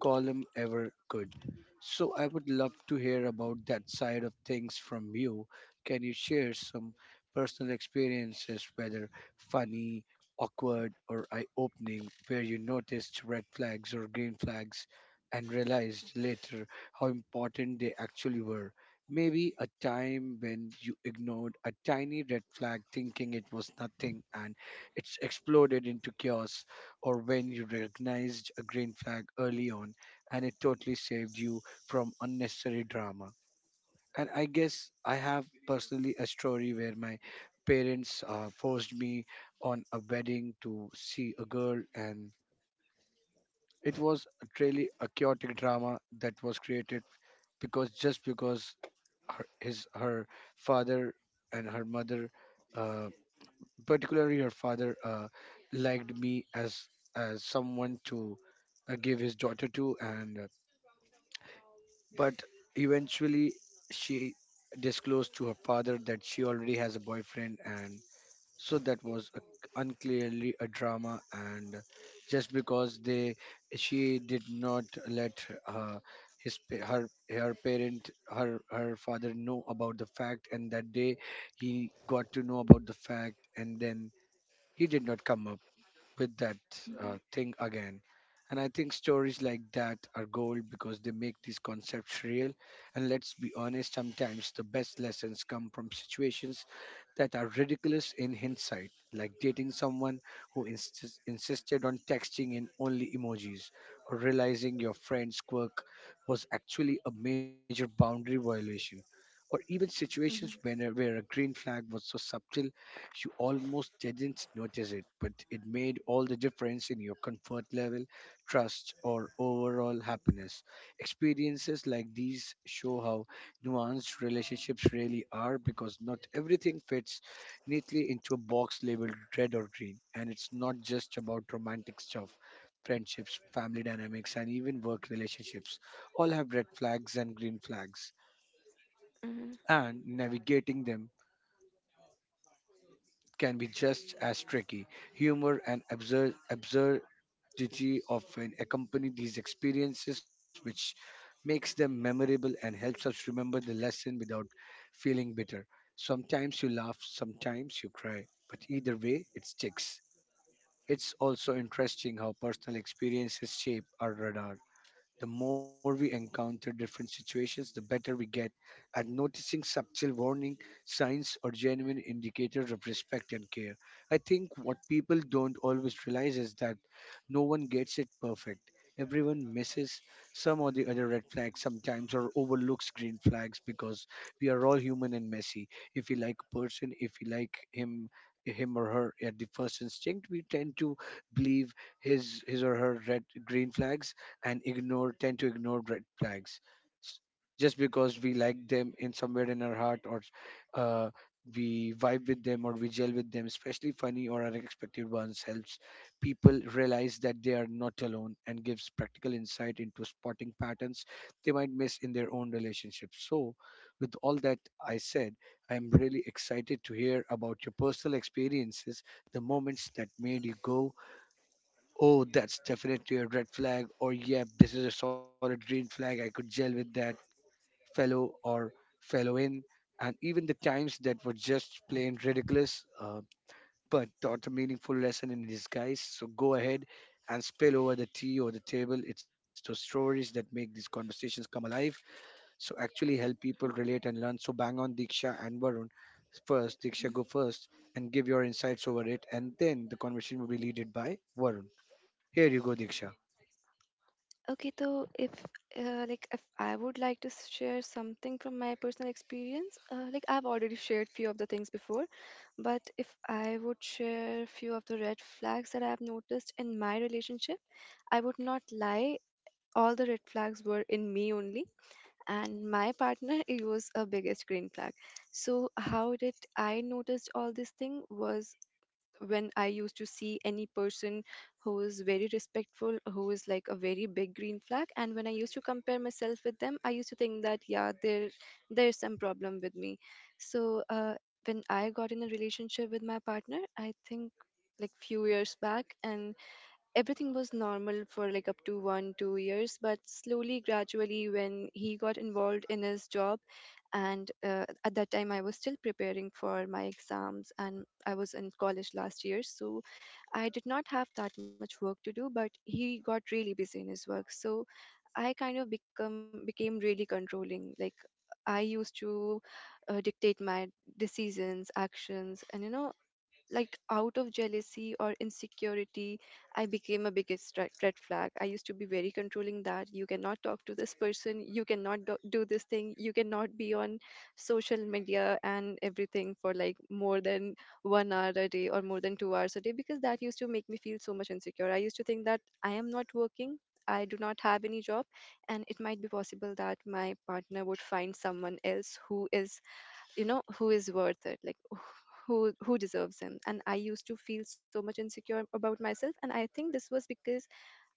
S1: column ever could. So I would love to hear about that side of things from you. Can you share some personal experiences, whether funny, awkward, or eye opening, where you noticed red flags or green flags and realized later how important they actually were? Maybe a time when you ignored a tiny red flag thinking it was nothing and it's exploded into chaos, or when you recognized a green flag early on and it totally saved you from unnecessary drama. And I guess I have personally a story where my parents forced me on a wedding to see a girl, and it was really a chaotic drama that was created because, just because her father and her mother, uh, particularly her father, liked me as someone to give his daughter to. And but eventually she disclosed to her father that she already has a boyfriend, and so that was a, unclearly a drama. And just because they she did not let his pa- her her parent her her father know about the fact, and that day he got to know about the fact, and then he did not come up with that thing again. And I think stories like that are gold because they make these concepts real. And let's be honest, sometimes the best lessons come from situations that are ridiculous in hindsight, like dating someone who insisted on texting in only emojis, or realizing your friend's quirk was actually a major boundary violation, or even situations
S2: Hmm.
S1: where a green flag was so subtle she almost didn't notice it, but it made all the difference in your comfort level, trust, or overall happiness. Experiences like these show how nuanced relationships really are, because not everything fits neatly into a box labeled red or green. And it's not just about romantic stuff. Friendships, family dynamics, and even work relationships all have red flags and green flags,
S2: Hmm.
S1: and navigating them can be just as tricky. Humor and absurdity often accompany these experiences, which makes them memorable and helps us remember the lesson without feeling bitter. Sometimes you laugh, sometimes you cry, but either way, it sticks. It's also interesting how personal experiences shape our radar. The more we encounter different situations, the better we get at noticing subtle warning signs or genuine indicators of respect and care. I think what people don't always realize is that no one gets it perfect. Everyone misses some or the other red flags sometimes, or overlooks green flags, because we are all human and messy. If we like a person, if we like him, him or her at the first instinct, we tend to believe his or her red green flags and ignore tend to ignore red flags s- just because we like them in somewhere in our heart, or uh, we vibe with them or we gel with them. Especially funny or unexpected ones helps people realize that they are not alone and gives practical insight into spotting patterns they might miss in their own relationships. So with all that I said, I am really excited to hear about your personal experiences, the moments that made you go, "Oh, that's definitely a red flag," or "Yep, this is a solid green flag. I could gel with that fellow or fellow in." And even the times that were just plain ridiculous, but taught a meaningful lesson in disguise. So go ahead and spill over the tea or the table. It's those stories that make these conversations come alive. So actually help people relate and learn. So bang on, Diksha and Varun. First, Diksha, go first and give your insights over it. And then the conversation will be leaded by Varun. Here you go, Diksha.
S2: Okay, so if like, if I would like to share something from my personal experience, like, I've already shared few of the things before, but if I would share few of the red flags that I have noticed in my relationship, I would not lie. All the red flags were in me only, and my partner it was a biggest green flag. So how did I noticed all this thing was, when I used to see any person who is very respectful, who is like a very big green flag, and when I used to compare myself with them, I used to think that yeah, there's some problem with me. So when I got in a relationship with my partner, I think like few years back, and everything was normal for like up to 1-2 years, but slowly, gradually, when he got involved in his job and at that time I was still preparing for my exams and I was in college last year, so I did not have that much work to do, but he got really busy in his work. So I kind of become became really controlling. Like, I used to dictate my decisions, actions, and you know, like, out of jealousy or insecurity, I became a biggest red flag. I used to be very controlling, that you cannot talk to this person, you cannot do this thing, you cannot be on social media and everything for like more than 1 hour a day or more than 2 hours a day, because that used to make me feel so much insecure. I used to think that I am not working, I do not have any job, and it might be possible that my partner would find someone else who is, you know, who is worth it, like who deserves him. And I used to feel so much insecure about myself, and I think this was because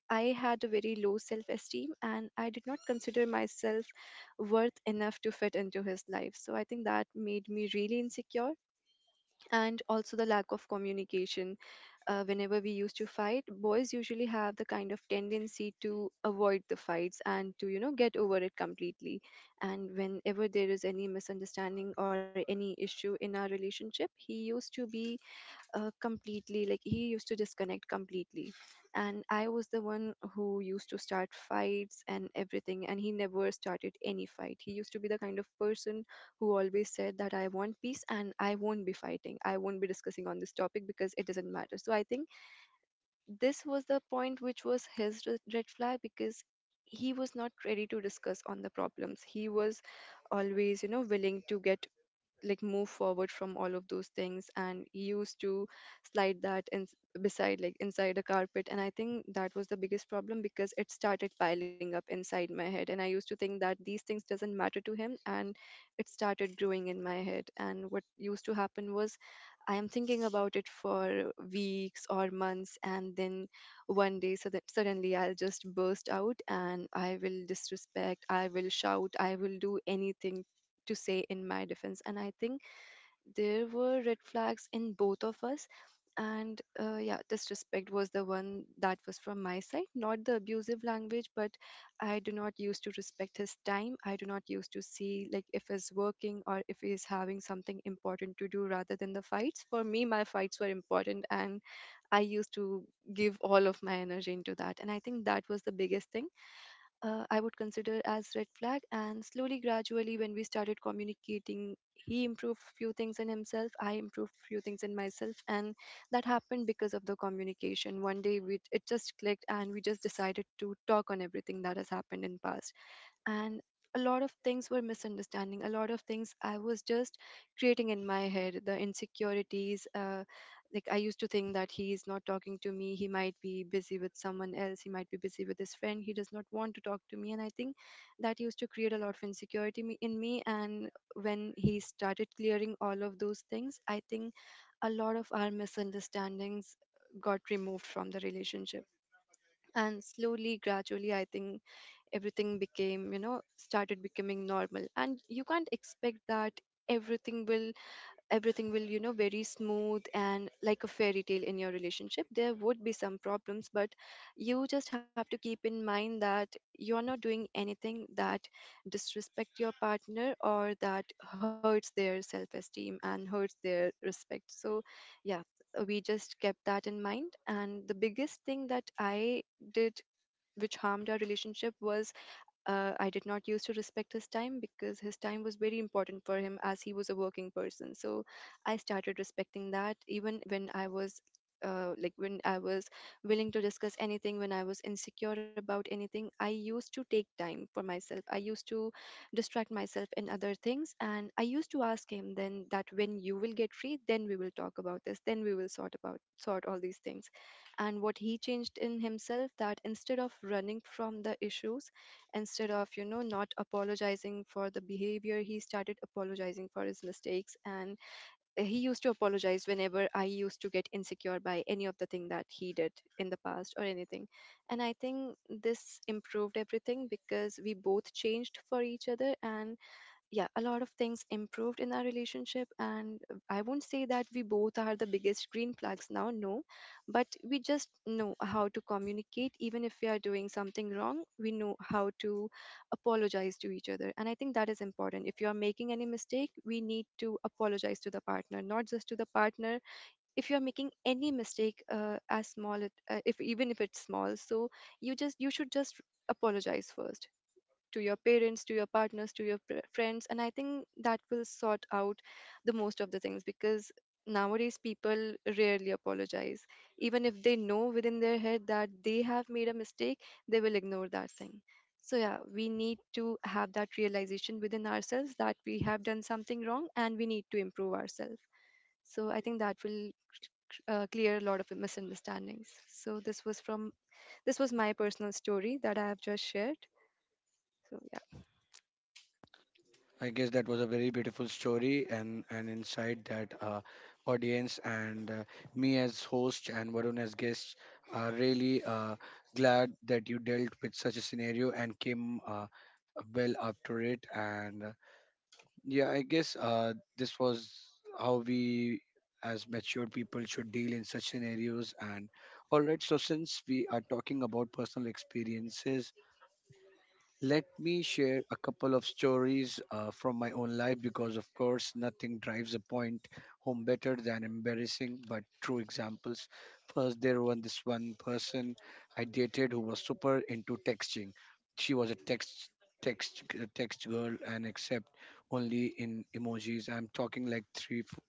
S2: I had a very low self esteem and I did not consider myself worth enough to fit into his life. So I think that made me really insecure. And also the lack of communication. Whenever we used to fight, boys usually have the kind of tendency to avoid the fights and to, you know, get over it completely. And whenever there is any misunderstanding or any issue in our relationship, he used to be completely, like, he used to disconnect completely, and I was the one who used to start fights and everything, and he never started any fight. He used to be the kind of person who always said that I want peace and I won't be fighting, I won't be discussing on this topic because it doesn't matter. So I think this was the point which was his red flag, because he was not ready to discuss on the problems. He was always, you know, willing to get, like, move forward from all of those things, and he used to slide that in, beside, like inside a carpet. And I think that was the biggest problem, because it started piling up inside my head and I used to think that these things doesn't matter to him, and it started growing in my head. And what used to happen was, I am thinking about it for weeks or months, and then one day, so that suddenly I'll just burst out, and I will disrespect, I will shout, I will do anything to say in my defense. And I think there were red flags in both of us. And yeah, disrespect was the one that was from my side, not the abusive language, but I do not use to respect his time. I do not use to see, like, if he's working or if he's having something important to do rather than the fights. For me, my fights were important, and I used to give all of my energy into that. And I think that was the biggest thing I would consider as red flag. And slowly, gradually, when we started communicating, he improved few things in himself, I improved few things in myself, and that happened because of the communication. One day, we, it just clicked, and we just decided to talk on everything that has happened in past. And a lot of things were misunderstanding, a lot of things I was just creating in my head, the insecurities. Like, I used to think that he is not talking to me, he might be busy with someone else, he might be busy with his friend, he does not want to talk to me. And I think that used to create a lot of insecurity in me. And when he started clearing all of those things, I think a lot of our misunderstandings got removed from the relationship. And slowly, gradually, I think everything became, you know, started becoming normal. And you can't expect that everything will everything will, you know, very smooth and like a fairy tale in your relationship. There would be some problems, but you just have to keep in mind that you are not doing anything that disrespect your partner, or that hurts their self esteem and hurts their respect. So yeah, we just kept that in mind. And the biggest thing that I did which harmed our relationship was, I did not used to respect his time, because his time was very important for him as he was a working person. So I started respecting that, even when I was. Like, when I was willing to discuss anything, when I was insecure about anything, I used to take time for myself, I used to distract myself in other things. And I used to ask him then, that when you will get free, then we will talk about this, then we will sort all these things. And what he changed in himself, that instead of running from the issues, instead of, you know, not apologizing for the behavior, he started apologizing for his mistakes, and he used to apologize whenever I used to get insecure by any of the thing that he did in the past or anything. And I think this improved everything, because we both changed for each other. And yeah, a lot of things improved in our relationship. And I won't say that we both are the biggest green flags now, no, but we just know how to communicate. Even if we are doing something wrong, we know how to apologize to each other. And I think that is important, if you are making any mistake, we need to apologize to the partner, not just to the partner, if you are making any mistake, as small if, even if it's small, so you should just apologize first, to your parents, to your partners, to your friends. And I think that will sort out the most of the things, because nowadays people rarely apologize. Even if they know within their head that they have made a mistake, they will ignore that thing. So yeah, we need to have that realization within ourselves, that we have done something wrong and we need to improve ourselves. So I think that will clear a lot of misunderstandings. So this was my personal story that I have just shared. So yeah,
S1: I guess that was a very beautiful story and an insight that audience and me as host and Varun as guest are really glad that you dealt with such a scenario and came well after it. And yeah, I guess this was how we as mature people should deal in such scenarios. And all right, so since we are talking about personal experiences, let me share a couple of stories from my own life, because, of course, nothing drives a point home better than embarrassing but true examples. First, there was this one person I dated who was super into texting. She was a text girl, and except only in emojis. I'm talking like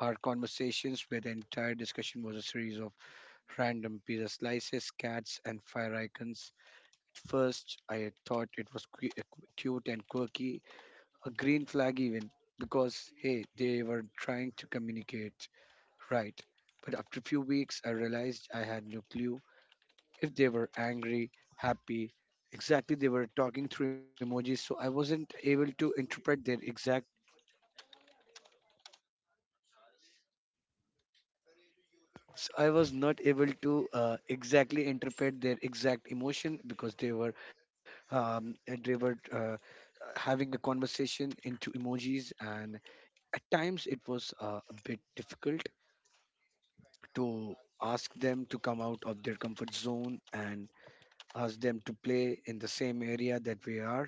S1: hour conversations where the entire discussion was a series of random pizza slices, cats, and fire icons. First, I thought it was cute and quirky, a green flag even, because hey, they were trying to communicate, right? But after a few weeks, I realized I had no clue if they were angry, happy. Exactly, they were talking through emojis, so I wasn't able to interpret their exact. So I was not able to exactly interpret their exact emotion because they were, um, they were uh, having a conversation into emojis. And at times, it was a bit difficult to ask them to come out of their comfort zone and ask them to play in the same area that we are.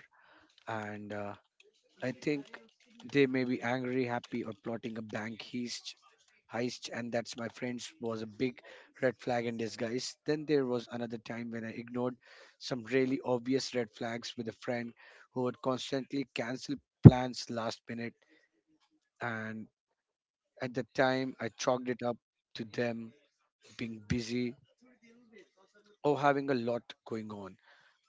S1: And I think they may be angry, happy, or plotting a bank heist, and that's my friends, was a big red flag in disguise. Then there was another time when I ignored some really obvious red flags with a friend who would constantly cancel plans last minute. And at the time, I chalked it up to them being busy or having a lot going on.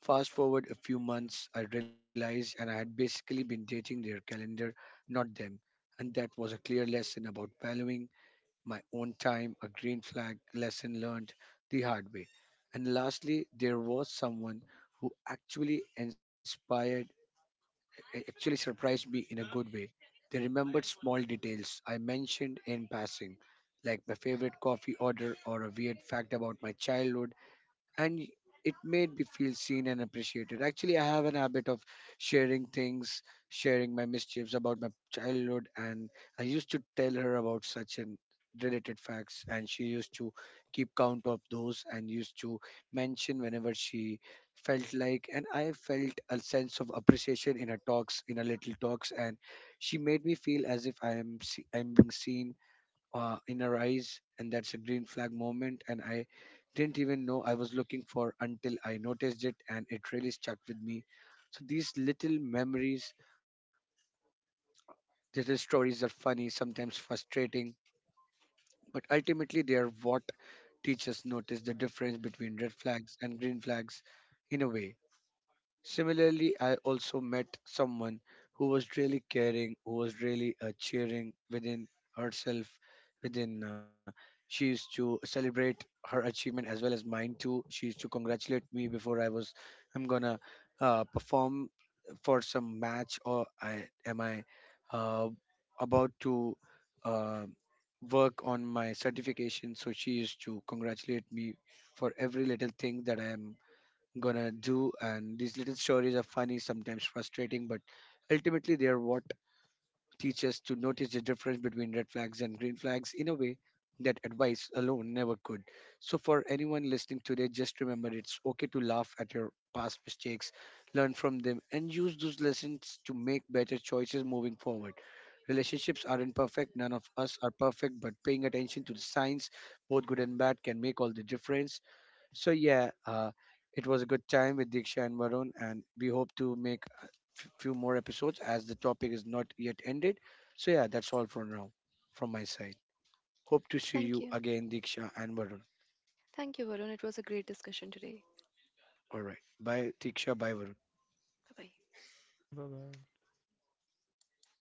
S1: Fast forward a few months, I realized and I had basically been dating their calendar, not them. And that was a clear lesson about valuing my own time, a green flag lesson learned the hard way. And lastly, there was someone who actually surprised me in a good way. They remembered small details I mentioned in passing, like my favorite coffee order or a weird fact about my childhood, and it made me feel seen and appreciated. Actually, I have an habit of sharing things, sharing my mischiefs about my childhood, and I used to tell her about such and related facts, and she used to keep count of those and used to mention whenever she felt like, and I felt a sense of appreciation in her talks, in her little talks, and she made me feel as if I'm being seen in her eyes, and that's a green flag moment. And I didn't even know I was looking for until I noticed it, and it really stuck with me. So these little memories, little stories are funny, sometimes frustrating, but ultimately they are what teachers notice the difference between red flags and green flags in a way. Similarly, I also met someone who was really caring, who was really cheering within herself, within. She used to celebrate her achievement as well as mine too. She used to congratulate me before I was, I'm gonna perform for some match, or I am I uh, about to uh, work on my certification. So she used to congratulate me for every little thing that I am gonna do. And these little stories are funny, sometimes frustrating, but ultimately they are what teach us to notice the difference between red flags and green flags in a way that advice alone never could. So, for anyone listening today, just remember it's okay to laugh at your past mistakes, learn from them, and use those lessons to make better choices moving forward. Relationships aren't perfect, none of us are perfect, but paying attention to the signs, both good and bad, can make all the difference. So yeah, it was a good time with Diksha and Varun, and we hope to make a few more episodes as the topic is not yet ended. So yeah, that's all for now from my side. Hope to see
S2: thank you.
S1: you again, Diksha and Varun.
S2: Thank you, Varun. It was a great discussion today.
S1: All right, bye, Diksha, bye, Varun.
S2: Bye bye.
S3: Bye bye.